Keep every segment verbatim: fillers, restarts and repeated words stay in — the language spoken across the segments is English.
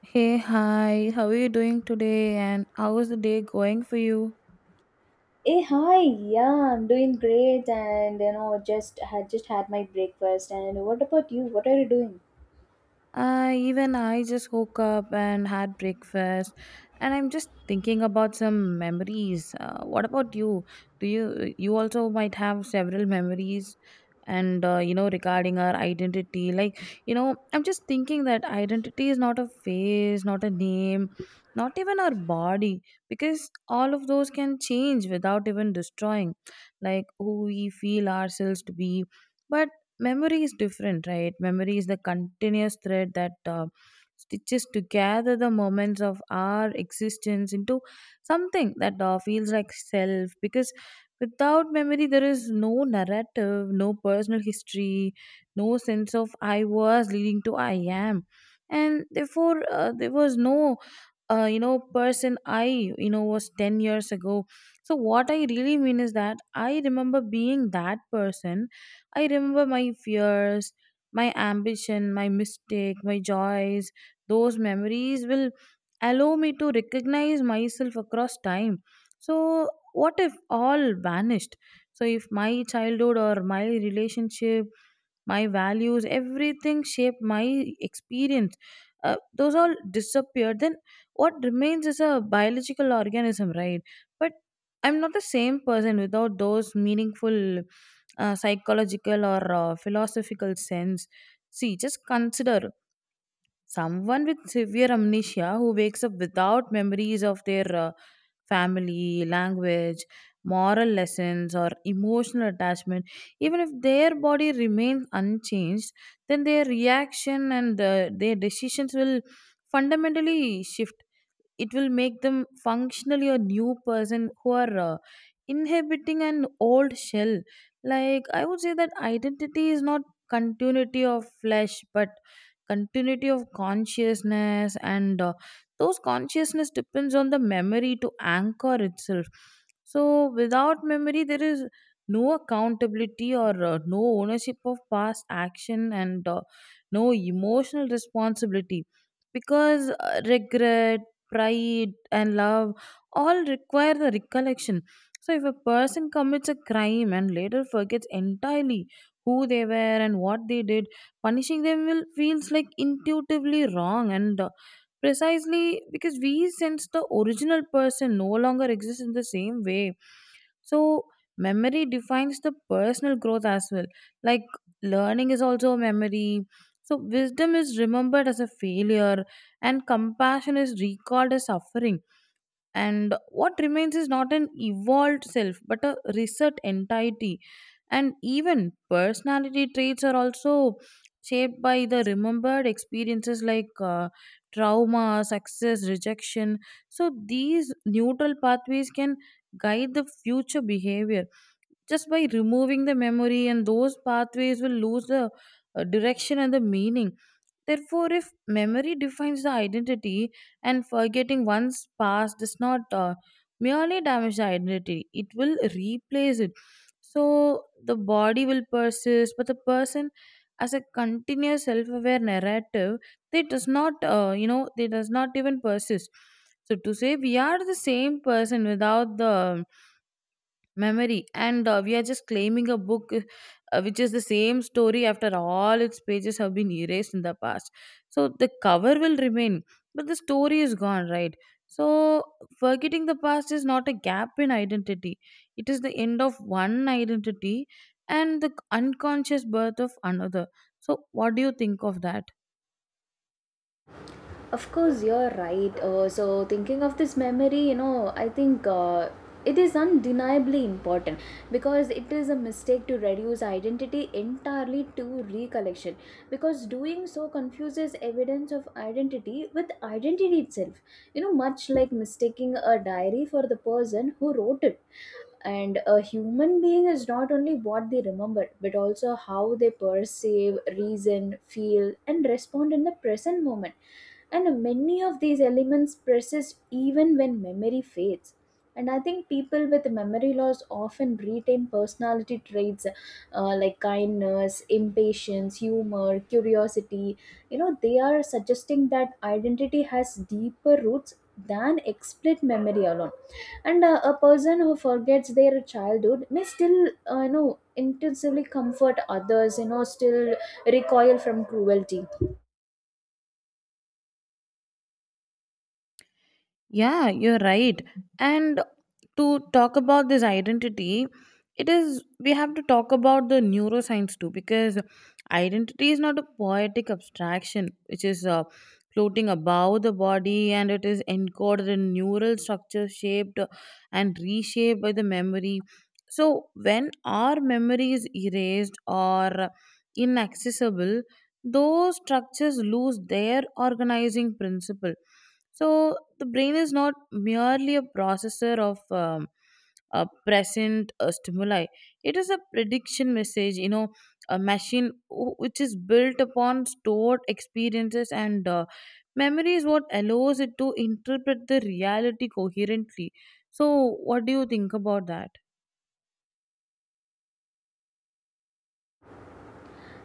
Hey, hi, how are you doing today and how is the day going for you? Hey, hi. Yeah, I'm doing great and you know, just had just had my breakfast. And what about you? What are you doing? Uh, even I just woke up and had breakfast, and I'm just thinking about some memories. Uh, what about you? Do you you also might have several memories, and uh, you know regarding our identity, like you know, I'm just thinking that identity is not a face, not a name, not even our body, because all of those can change without even destroying, like who we feel ourselves to be. But memory is different, right? Memory is the continuous thread that uh, stitches together the moments of our existence into something that uh, feels like self, because without memory there is no narrative, no personal history, no sense of I was leading to I am. And therefore uh, there was no uh, you know person I you know was ten years ago. So what I really mean is that I remember being that person. I remember my fears, my ambition, my mistake, my joys. Those memories will allow me to recognize myself across time. So what if all vanished? So if my childhood or my relationship, my values, everything shaped my experience, uh, those all disappear. Then what remains is a biological organism, right? But I'm not the same person without those meaningful uh, psychological or uh, philosophical sense. See, just consider someone with severe amnesia who wakes up without memories of their uh, family, language, moral lessons, or emotional attachment. Even if their body remains unchanged, then their reaction and uh, their decisions will fundamentally shift. It will make them functionally a new person who are uh, inhabiting an old shell. Like, I would say that identity is not continuity of flesh but continuity of consciousness, and uh, those consciousness depends on the memory to anchor itself. So without memory there is no accountability, or uh, no ownership of past action, and uh, no emotional responsibility. Because uh, regret, pride, and love all require the recollection. So, if a person commits a crime and later forgets entirely who they were and what they did, punishing them will feels like intuitively wrong, and uh, precisely because we sense the original person no longer exists in the same way. So, memory defines the personal growth as well. Like, learning is also a memory. So, wisdom is remembered as a failure, and compassion is recalled as suffering. And what remains is not an evolved self but a reset entity. And even personality traits are also shaped by the remembered experiences, like uh, trauma, success, rejection. So these neutral pathways can guide the future behavior. Just by removing the memory, and those pathways will lose the uh, direction and the meaning. Therefore, if memory defines the identity, and forgetting one's past does not uh, merely damage the identity, it will replace it. So the body will persist, but the person as a continuous self-aware narrative, they does not uh, you know they does not even persist. So to say we are the same person without the memory, and uh, we are just claiming a book uh, which is the same story after all its pages have been erased in the past. So the cover will remain, but the story is gone, right? So forgetting the past is not a gap in identity. It is the end of one identity and the unconscious birth of another. So what do you think of that? Of course, you're right. Uh, so thinking of this memory, you know, I think uh, it is undeniably important because it is a mistake to reduce identity entirely to recollection, because doing so confuses evidence of identity with identity itself. You know, much like mistaking a diary for the person who wrote it. And a human being is not only what they remember but also how they perceive, reason, feel and respond in the present moment, and many of these elements persist even when memory fades. And I think people with memory loss often retain personality traits, uh, like kindness, impatience, humor, curiosity. You know, they are suggesting that identity has deeper roots than explicit memory alone. And uh, a person who forgets their childhood may still, uh, you know, intensively comfort others, you know, still recoil from cruelty, Yeah, you're right. And to talk about this identity, it is we have to talk about the neuroscience too, because identity is not a poetic abstraction which is uh, floating above the body, and it is encoded in neural structures shaped and reshaped by the memory. So when our memory is erased or inaccessible, those structures lose their organizing principle. So the brain is not merely a processor of um, a present uh, stimuli. It is a prediction message, you know, a machine wh- which is built upon stored experiences, and uh, memory is what allows it to interpret the reality coherently. So, what do you think about that?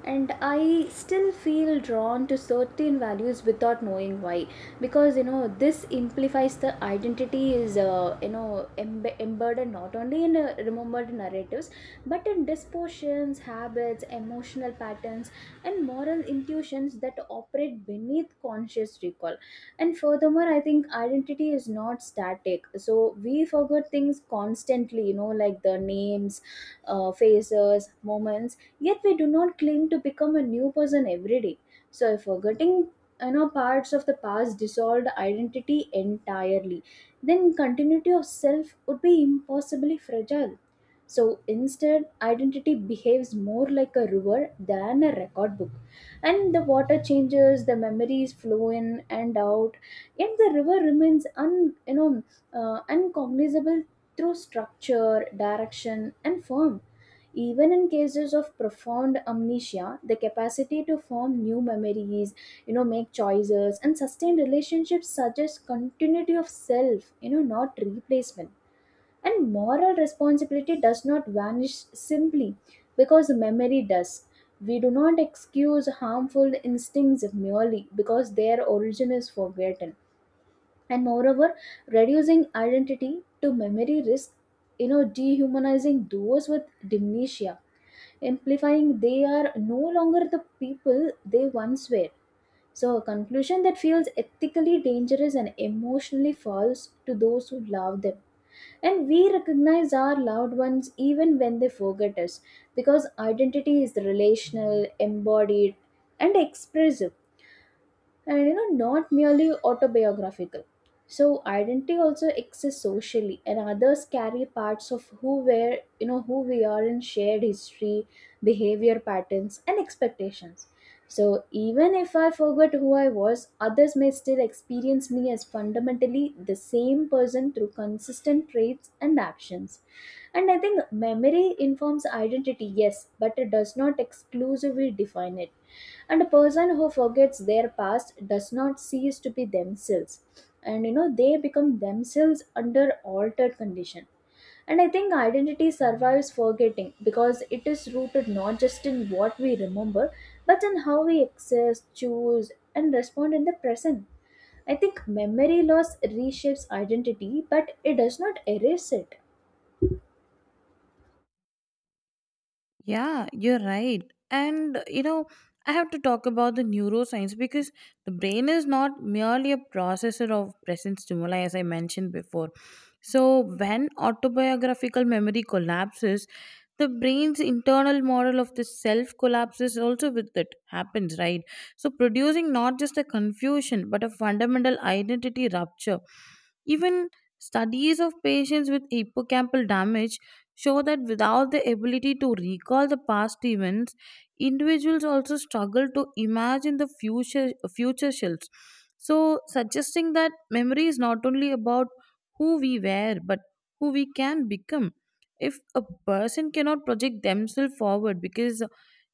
and I still feel drawn to certain values without knowing why. Because you know, this implies the identity is, uh, you know, embe- embedded not only in uh, remembered narratives, but in dispositions, habits, emotional patterns, and moral intuitions that operate beneath conscious recall. And furthermore, I think identity is not static, so we forget things constantly, you know, like the names, uh, faces, moments. Yet we do not claim to become a new person every day. So forgetting, you know, parts of the past dissolved identity entirely, then continuity of self would be impossibly fragile. So instead, identity behaves more like a river than a record book. And the water changes, the memories flow in and out, yet the river remains un, you know, uh, uncognizable through structure, direction, and form. Even in cases of profound amnesia, the capacity to form new memories, you know, make choices and sustain relationships suggests continuity of self, you know, not replacement. And moral responsibility does not vanish simply because memory does. We do not excuse harmful instincts merely because their origin is forgotten. And moreover, reducing identity to memory risk, you know, dehumanizing those with dementia, implying they are no longer the people they once were. So a conclusion that feels ethically dangerous and emotionally false to those who love them. And we recognize our loved ones even when they forget us, because identity is relational, embodied, and expressive, and you know, not merely autobiographical. So identity also exists socially, and others carry parts of who were, you know, who we are, in shared history, behavior patterns and expectations. So even if I forget who I was, others may still experience me as fundamentally the same person through consistent traits and actions. And I think memory memory informs identity, yes, but it does not exclusively define it. And a person who forgets their past does not cease to be themselves. And you know, they become themselves under altered condition. And I think identity survives forgetting because it is rooted not just in what we remember, but in how we access, choose, and respond in the present. I think memory loss reshapes identity, but it does not erase it. Yeah, you're right. And uh, you know, I have to talk about the neuroscience, because the brain is not merely a processor of present stimuli, as I mentioned before. So, when autobiographical memory collapses, the brain's internal model of the self collapses also with it happens, right? So, producing not just a confusion but a fundamental identity rupture. Even studies of patients with hippocampal damage show that without the ability to recall the past events, individuals also struggle to imagine the future future selves. So, suggesting that memory is not only about who we were, but who we can become. If a person cannot project themselves forward because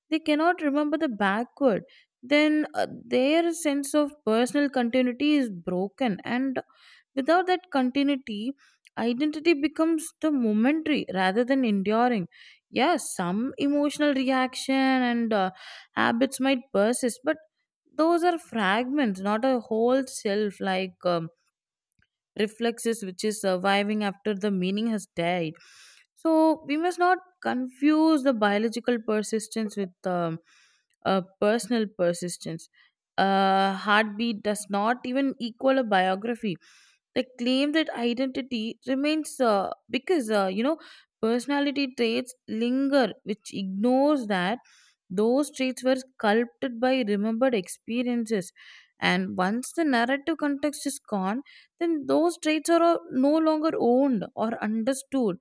they cannot remember the backward, then uh, their sense of personal continuity is broken, and without that continuity, identity becomes the momentary rather than enduring. Yes, some emotional reaction and uh, habits might persist, but those are fragments, not a whole self, like um, reflexes which is surviving after the meaning has died. So we must not confuse the biological persistence with um, uh, personal persistence. A heartbeat does not even equal a biography. The claim that identity remains uh, because uh, you know personality traits linger, which ignores that those traits were sculpted by remembered experiences. And once the narrative context is gone, then those traits are uh, no longer owned or understood.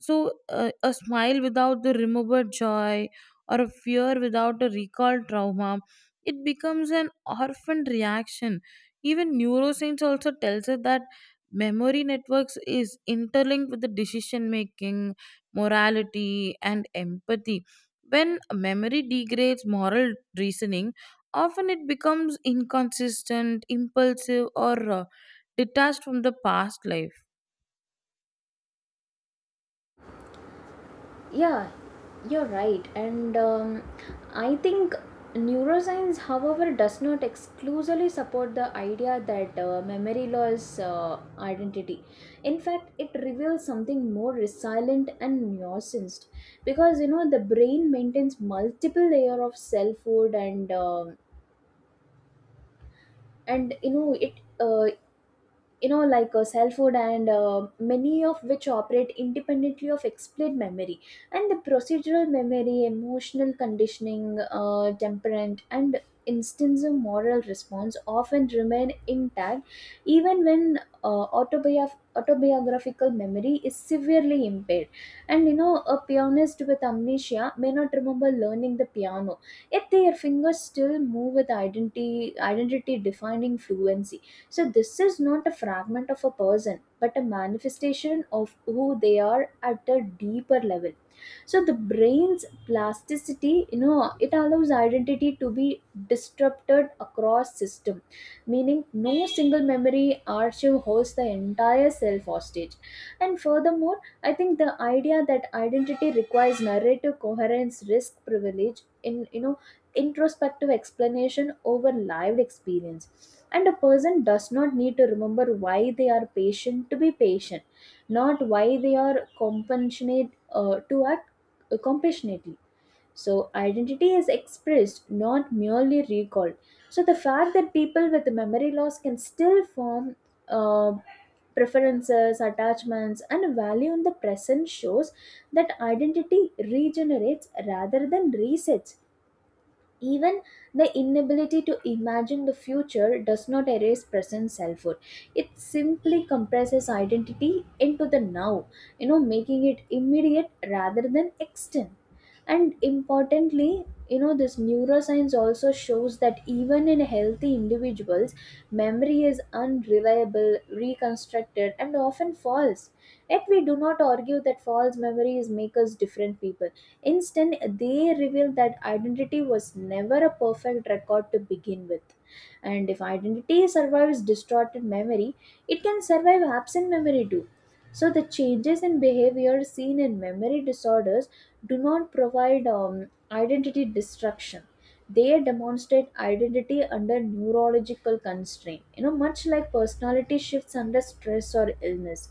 So, uh, a smile without the remembered joy or a fear without a recalled trauma, it becomes an orphaned reaction. Even neuroscience also tells us that memory networks is interlinked with the decision making, morality, and empathy. When memory degrades moral reasoning, often it becomes inconsistent, impulsive, or uh, detached from the past life. Yeah, you're right. And um, I think neuroscience, however, does not exclusively support the idea that uh, memory loss uh, identity. In fact, it reveals something more resilient and nuanced, because you know the brain maintains multiple layer of selfhood, and um and you know it, uh, you know, like uh, cell food, and uh, many of which operate independently of explained memory. And the procedural memory, emotional conditioning, uh, temperament and instance of moral response often remain intact even when uh, autobiograph- autobiographical memory is severely impaired. And you know, a pianist with amnesia may not remember learning the piano, yet their fingers still move with identity identity defining fluency. So, this is not a fragment of a person, but a manifestation of who they are at a deeper level. So, the brain's plasticity, you know, it allows identity to be disrupted across system, meaning no single memory archive holds the entire self hostage. And furthermore, I think the idea that identity requires narrative coherence, risk, privilege, in you know, introspective explanation over lived experience. And a person does not need to remember why they are patient to be patient, not why they are compassionate uh, to act uh, compassionately. So, identity is expressed, not merely recalled. So, the fact that people with memory loss can still form uh, preferences, attachments, and value in the present shows that identity regenerates rather than resets. Even the inability to imagine the future does not erase present selfhood. It simply compresses identity into the now, you know, making it immediate rather than extant. And importantly, you know, this neuroscience also shows that even in healthy individuals, memory is unreliable, reconstructed, and often false. Yet we do not argue that false memories make us different people. Instead, they reveal that identity was never a perfect record to begin with. And if identity survives distorted memory, it can survive absent memory too. So the changes in behavior seen in memory disorders do not provide um, identity destruction. They demonstrate identity under neurological constraint, you know, much like personality shifts under stress or illness.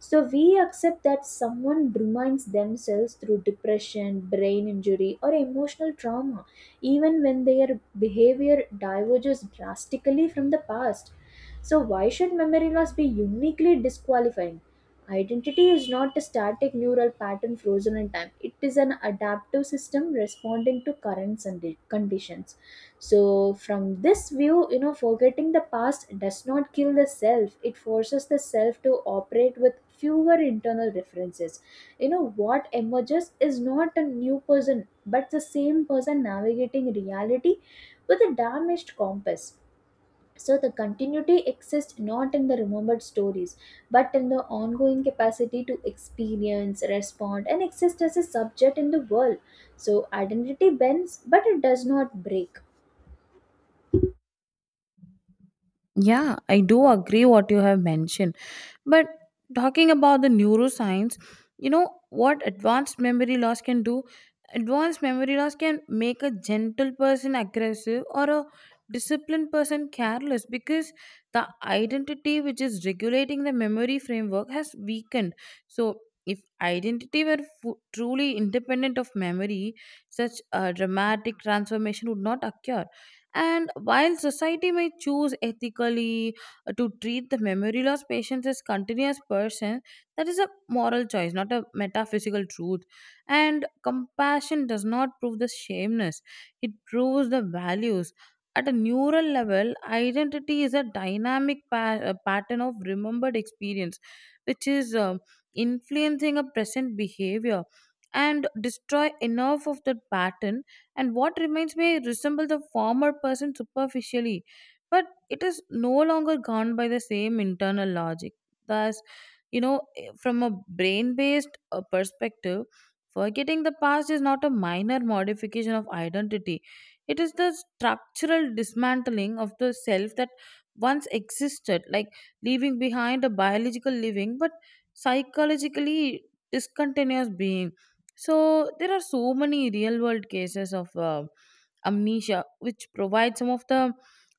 So we accept that someone reminds themselves through depression, brain injury, or emotional trauma, even when their behavior diverges drastically from the past. So why should memory loss be uniquely disqualifying? Identity is not a static neural pattern frozen in time. It is an adaptive system responding to currents and the conditions. So, from this view, you know, forgetting the past does not kill the self, it forces the self to operate with fewer internal references. You know, what emerges is not a new person, but the same person navigating reality with a damaged compass. So the continuity exists not in the remembered stories, but in the ongoing capacity to experience, respond, and exist as a subject in the world. So identity bends, but it does not break. Yeah, I do agree what you have mentioned. But talking about the neuroscience, you know what advanced memory loss can do? Advanced memory loss can make a gentle person aggressive or a disciplined person careless, because the identity which is regulating the memory framework has weakened. So, if identity were fu- truly independent of memory, such a dramatic transformation would not occur. And while society may choose ethically uh, to treat the memory loss patients as continuous person, that is a moral choice, not a metaphysical truth. And compassion does not prove the shameness; it proves the values. At a neural level, identity is a dynamic pa- uh, pattern of remembered experience, which is um influencing a present behavior. And destroy enough of that pattern and what remains may resemble the former person superficially, but it is no longer governed by the same internal logic. Thus, you know, eh, from a brain based perspective, forgetting the past is not a minor modification of identity, it is the structural dismantling of the self that once existed, like leaving behind a biological living but psychologically discontinuous being. So there are so many real world cases of uh, amnesia, which provide some of the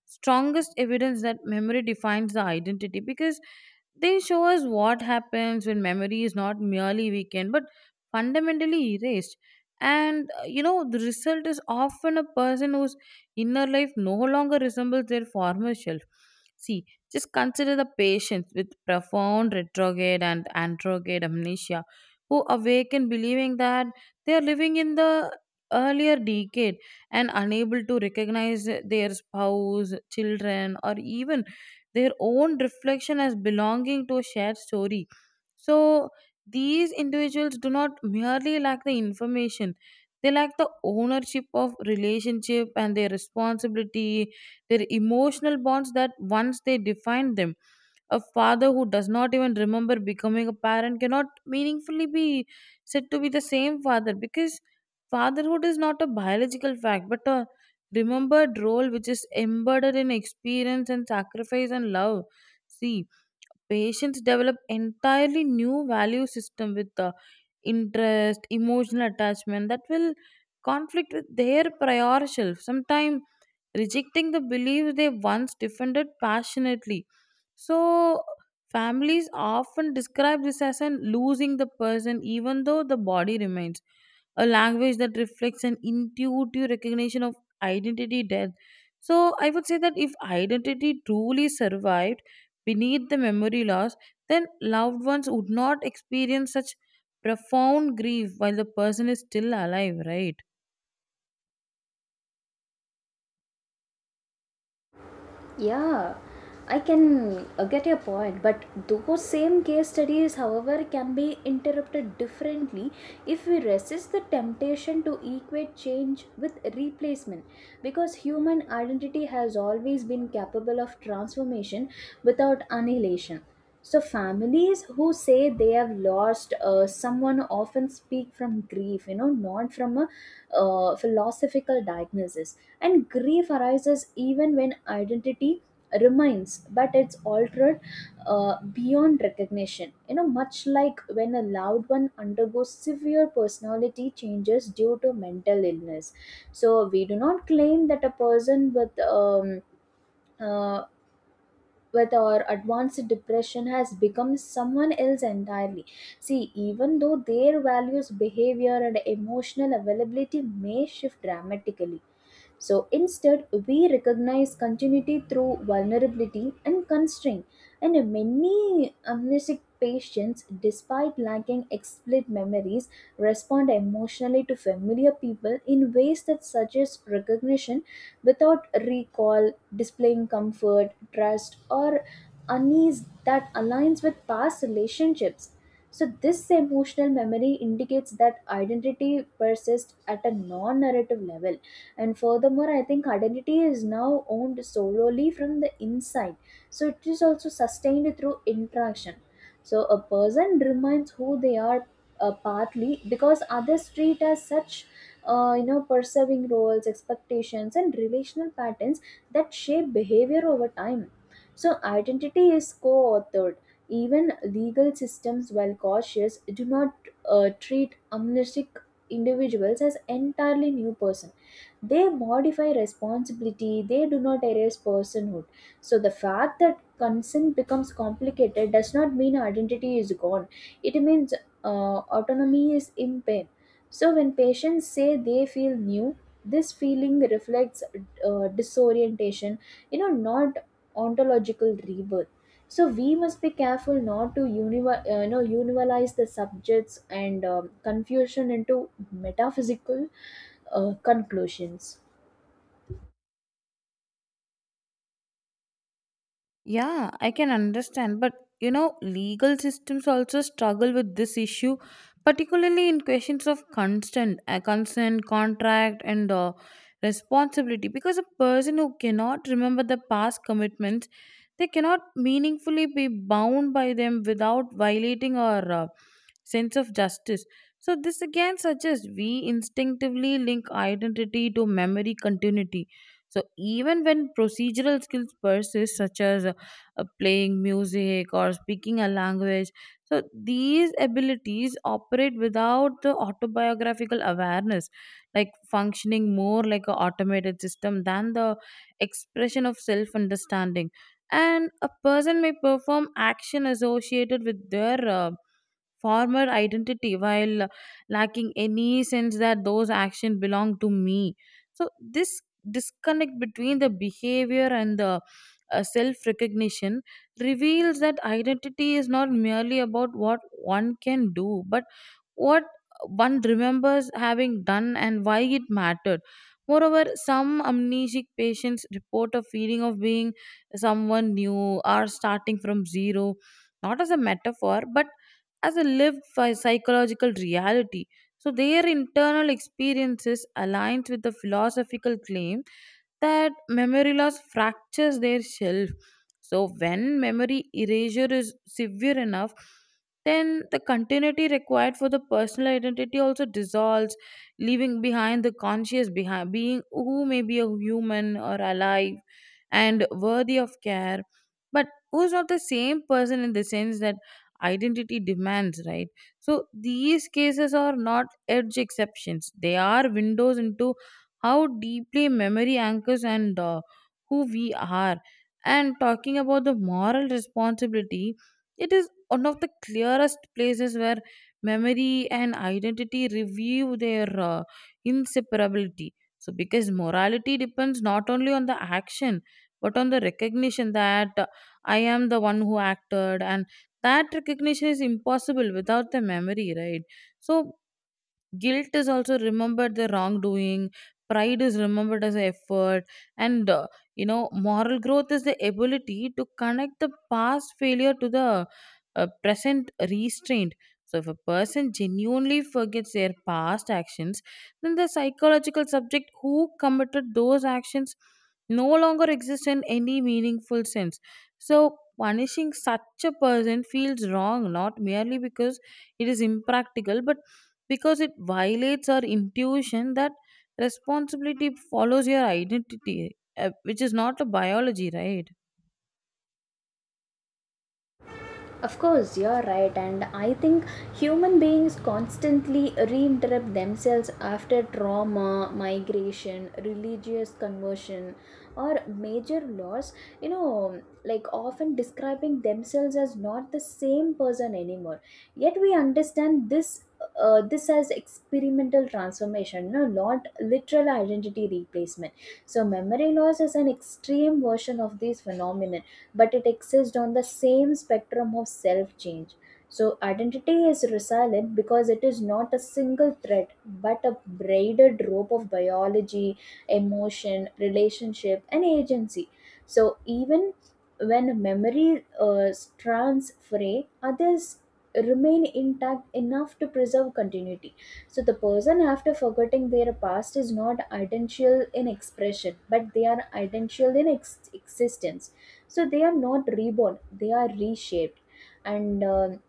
strongest evidence that memory defines the identity. Because they show us what happens when memory is not merely weakened but fundamentally erased. And uh, you know, the result is often a person whose inner life no longer resembles their former self. See, just consider the patients with profound retrograde and antrograde amnesia who awaken believing that they are living in the earlier decade and unable to recognize their spouse, children, or even their own reflection as belonging to a shared story. So these individuals do not merely lack the information, they lack the ownership of relationship and their responsibility, their emotional bonds that once they defined them. A father who does not even remember becoming a parent cannot meaningfully be said to be the same father, because fatherhood is not a biological fact but a remembered role which is embedded in experience and sacrifice and love. See, patients develop entirely new value system with the interest emotional attachment that will conflict with their prior self, sometimes rejecting the beliefs they once defended passionately. So families often describe this as an losing the person, even though the body remains a language that reflects an intuitive recognition of identity death. So I would say that if identity truly survived beneath the memory loss, then loved ones would not experience such profound grief while the person is still alive, right? Yeah, I can uh, get your point, but those same case studies, however, can be interpreted differently if we resist the temptation to equate change with replacement. Because human identity has always been capable of transformation without annihilation. So, families who say they have lost uh, someone often speak from grief, you know, not from a uh, philosophical diagnosis. And grief arises even when identity remains, but it's altered uh, beyond recognition. You know, much like when a loved one undergoes severe personality changes due to mental illness. So, we do not claim that a person with um, uh, with or advanced depression has become someone else entirely. See, even though their values, behavior and emotional availability may shift dramatically. So instead, we recognize continuity through vulnerability and constraint. And many amnesic patients, despite lacking explicit memories, respond emotionally to familiar people in ways that suggest recognition without recall, displaying comfort, trust, or unease that aligns with past relationships. So, this emotional memory indicates that identity persists at a non narrative level. And furthermore, I think identity is now owned solely from the inside. So, it is also sustained through interaction. So, a person remains who they are, uh, partly because others treat as such, uh, you know, perceiving roles, expectations and relational patterns that shape behavior over time. So identity is co-authored. Even legal systems, while cautious, do not uh, treat amnesic individuals as entirely new person. They modify responsibility, they do not erase personhood. So the fact that consent becomes complicated does not mean identity is gone. It means uh, autonomy is impaired. So, when patients say they feel new, this feeling reflects uh, disorientation, you know, not ontological rebirth. So, we must be careful not to univer- uh, you know, universalize the subjects and um, confusion into metaphysical uh, conclusions. Yeah, I can understand, but you know, legal systems also struggle with this issue, particularly in questions of consent, uh, consent, contract, and uh, responsibility. Because a person who cannot remember the past commitments, they cannot meaningfully be bound by them without violating or uh, sense of justice. So, this again suggests we instinctively link identity to memory continuity. So, even when procedural skills persist, such as uh, uh, playing music or speaking a language, so these abilities operate without the autobiographical awareness, like functioning more like an automated system than the expression of self understanding. And a person may perform action associated with their uh, former identity while lacking any sense that those actions belong to me. So this disconnect between the behavior and the uh, self recognition reveals that identity is not merely about what one can do but what one remembers having done and why it mattered. Moreover, some amnesic patients report a feeling of being someone new or starting from zero, not as a metaphor, but as a lived phy- psychological reality. So their internal experiences aligns with the philosophical claim that memory loss fractures their shelf. So, when memory erasure is severe enough, then the continuity required for the personal identity also dissolves, leaving behind the conscious behind being who may be a human or alive and worthy of care, but who's not the same person in the sense that identity demands, right? So these cases are not edge exceptions. They are windows into how deeply memory anchors and, uh, who we are. And talking about the moral responsibility, it is one of the clearest places where memory and identity review their uh, inseparability. So, because morality depends not only on the action but on the recognition that, uh, I am the one who acted, and that recognition is impossible without the memory, right? So, guilt is also remembered the wrongdoing, pride is remembered as effort, and uh, you know moral growth is the ability to connect the past failure to the uh, present restraint. So if a person genuinely forgets their past actions, then the psychological subject who committed those actions no longer exists in any meaningful sense. So punishing such a person feels wrong not merely because it is impractical but because it violates our intuition that responsibility follows your identity, uh, which is not a biology, right? Of course, you're right, and I think human beings constantly reinterrupt themselves after trauma, migration, religious conversion, or major loss. You know, like often describing themselves as not the same person anymore. Yet we understand this. Uh, this as experimental transformation, no, not literal identity replacement. So, memory loss is an extreme version of these phenomena, but it exists on the same spectrum of self change. So, identity is resilient because it is not a single thread but a braided rope of biology, emotion, relationship, and agency. So, even when memory uh, strands fray, others remain intact enough to preserve continuity. So the person after forgetting their past is not identical in expression, but they are identical in ex- existence So they are not reborn, they are reshaped. And um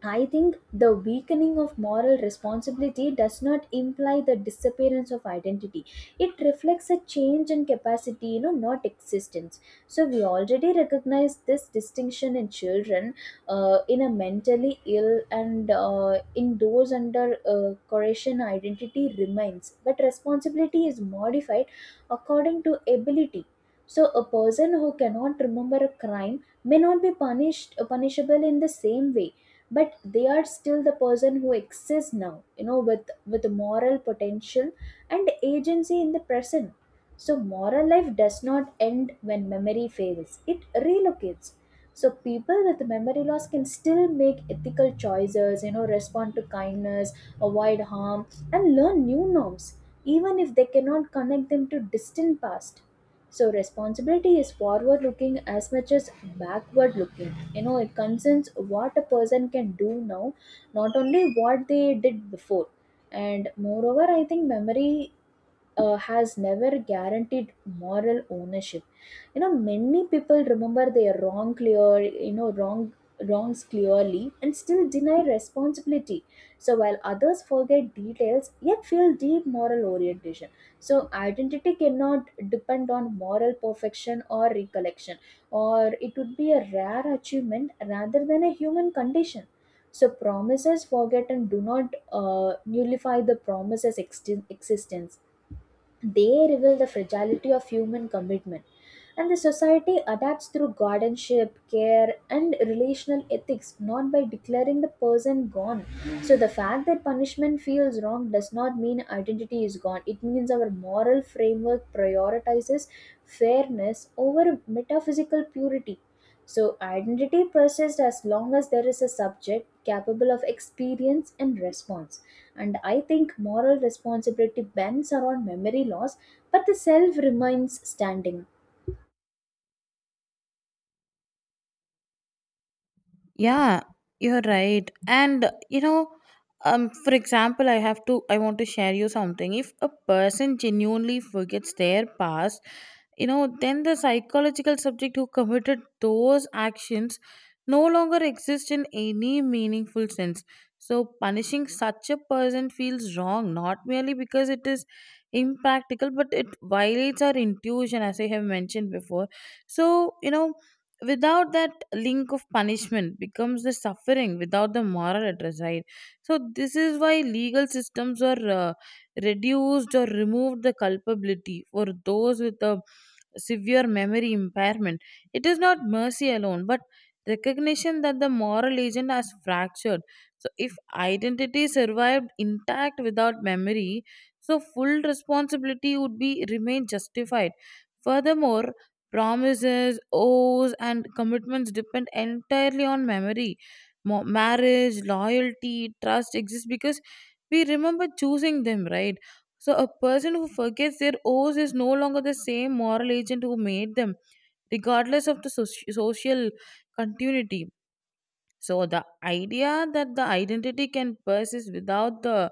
I think the weakening of moral responsibility does not imply the disappearance of identity. It reflects a change in capacity, you know, not existence. So we already recognize this distinction in children, uh, in a mentally ill, and uh, in those under uh, correction, identity remains, but responsibility is modified according to ability. So a person who cannot remember a crime may not be punished uh, punishable in the same way, but they are still the person who exists now, you know, with with moral potential and agency in the present. So moral life does not end when memory fails, it relocates. So people with memory loss can still make ethical choices, you know, respond to kindness, avoid harm, and learn new norms, even if they cannot connect them to distant past. So responsibility is forward looking as much as backward looking. You know, it concerns what a person can do now, not only what they did before. And moreover, I think memory uh, has never guaranteed moral ownership. You know, many people remember their wrong clear you know wrong wrongs clearly and still deny responsibility. So while others forget details yet feel deep moral orientation. So identity cannot depend on moral perfection or recollection, or it would be a rare achievement rather than a human condition. So, promises forget and do not uh, nullify the promise's ex- existence. They reveal the fragility of human commitment, and the society adapts through guardianship, care, and relational ethics, not by declaring the person gone. So the fact that punishment feels wrong does not mean identity is gone. It means our moral framework prioritizes fairness over metaphysical purity. So identity persists as long as there is a subject capable of experience and response. And I think moral responsibility bends around memory loss, but the self remains standing. Yeah, you're right. And you know, um, for example, I have to, I want to share you something. If a person genuinely forgets their past, you know, then the psychological subject who committed those actions no longer exists in any meaningful sense. So punishing such a person feels wrong, not merely because it is impractical, but it violates our intuition, as I have mentioned before. So, you know, without that link of punishment becomes the suffering without the moral address, right? So this is why legal systems are uh, reduced or removed the culpability for those with a severe memory impairment. It is not mercy alone, but recognition that the moral agent has fractured. So, if identity survived intact without memory, so full responsibility would be remain justified. Furthermore, promises, oaths, and commitments depend entirely on memory. Mo- marriage, loyalty, trust exist because we remember choosing them, right? So, a person who forgets their oaths is no longer the same moral agent who made them, regardless of the soci- social continuity. So the idea that the identity can persist without the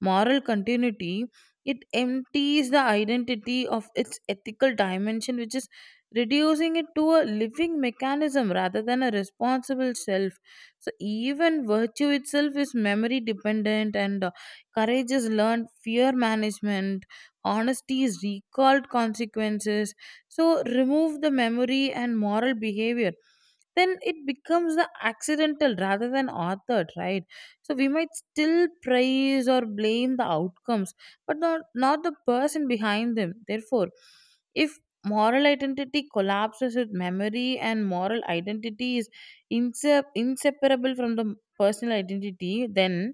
moral continuity, it empties the identity of its ethical dimension, which is reducing it to a living mechanism rather than a responsible self. So even virtue itself is memory dependent, and, uh, courage is learned, fear management, honesty is recalled consequences. So remove the memory and moral behavior, then it becomes the accidental rather than authored, right? So we might still praise or blame the outcomes, but not, not the person behind them. Therefore, if moral identity collapses with memory, and moral identity is inse inseparable from the personal identity, then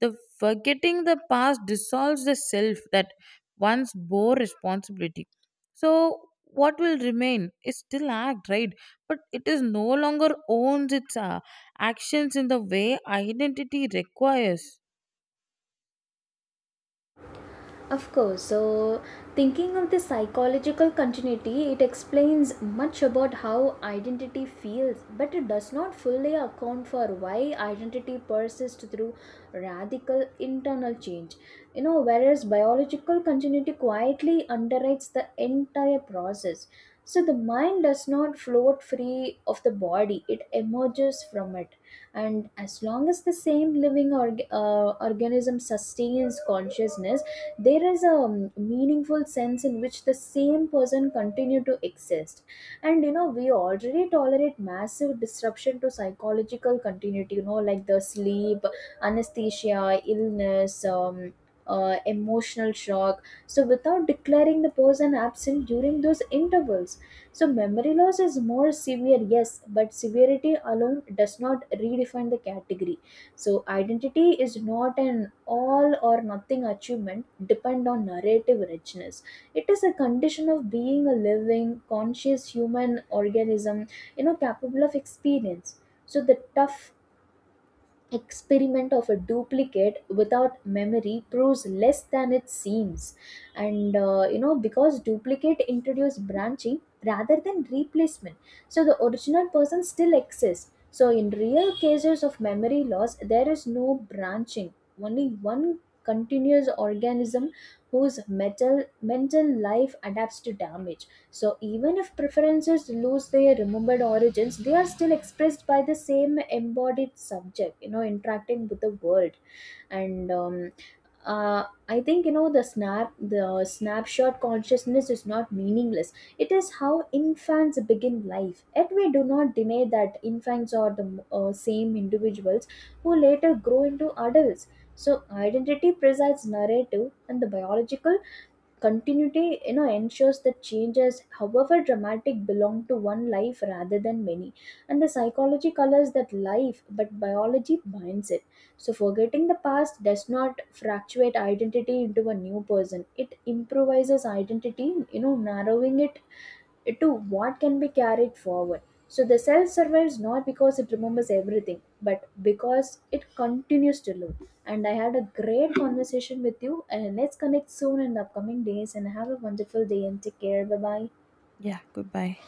the forgetting the past dissolves the self that once bore responsibility. So, what will remain is still act, right? But it is no longer owns its uh, actions in the way identity requires. Of course. So, thinking of the psychological continuity, it explains much about how identity feels, but it does not fully account for why identity persists through radical internal change. You know, whereas biological continuity quietly underwrites the entire process. So, the mind does not float free of the body, it emerges from it. And as long as the same living org- uh, organism sustains consciousness, there is a um, meaningful sense in which the same person continue to exist. And you know, we already tolerate massive disruption to psychological continuity, you know, like the sleep, anesthesia, illness, um, uh, emotional shock, so without declaring the person absent during those intervals. So memory loss is more severe, yes, but severity alone does not redefine the category. So identity is not an all or nothing achievement depend on narrative richness. It is a condition of being a living, conscious human organism, you know, capable of experience. So the tough experiment of a duplicate without memory proves less than it seems. And uh, you know, because duplicate introduce branching rather than replacement, so the original person still exists. So in real cases of memory loss there is no branching, only one continuous organism whose metal mental life adapts to damage. So, even if preferences lose their remembered origins, they are still expressed by the same embodied subject, you know, interacting with the world. And um, uh, I think, you know, the snap, the snapshot consciousness is not meaningless. It is how infants begin life. Yet we do not deny that infants are the uh, same individuals who later grow into adults. So, identity presides narrative, and the biological continuity, you know, ensures that changes, however dramatic, belong to one life rather than many. And the psychology colors that life, but biology binds it. So forgetting the past does not fractuate identity into a new person. It improvises identity, you know, narrowing it to what can be carried forward. So the self survives not because it remembers everything, but because it continues to live. And I had a great conversation with you, and let's connect soon in the upcoming days. And have a wonderful day and take care. Bye bye. Yeah, goodbye.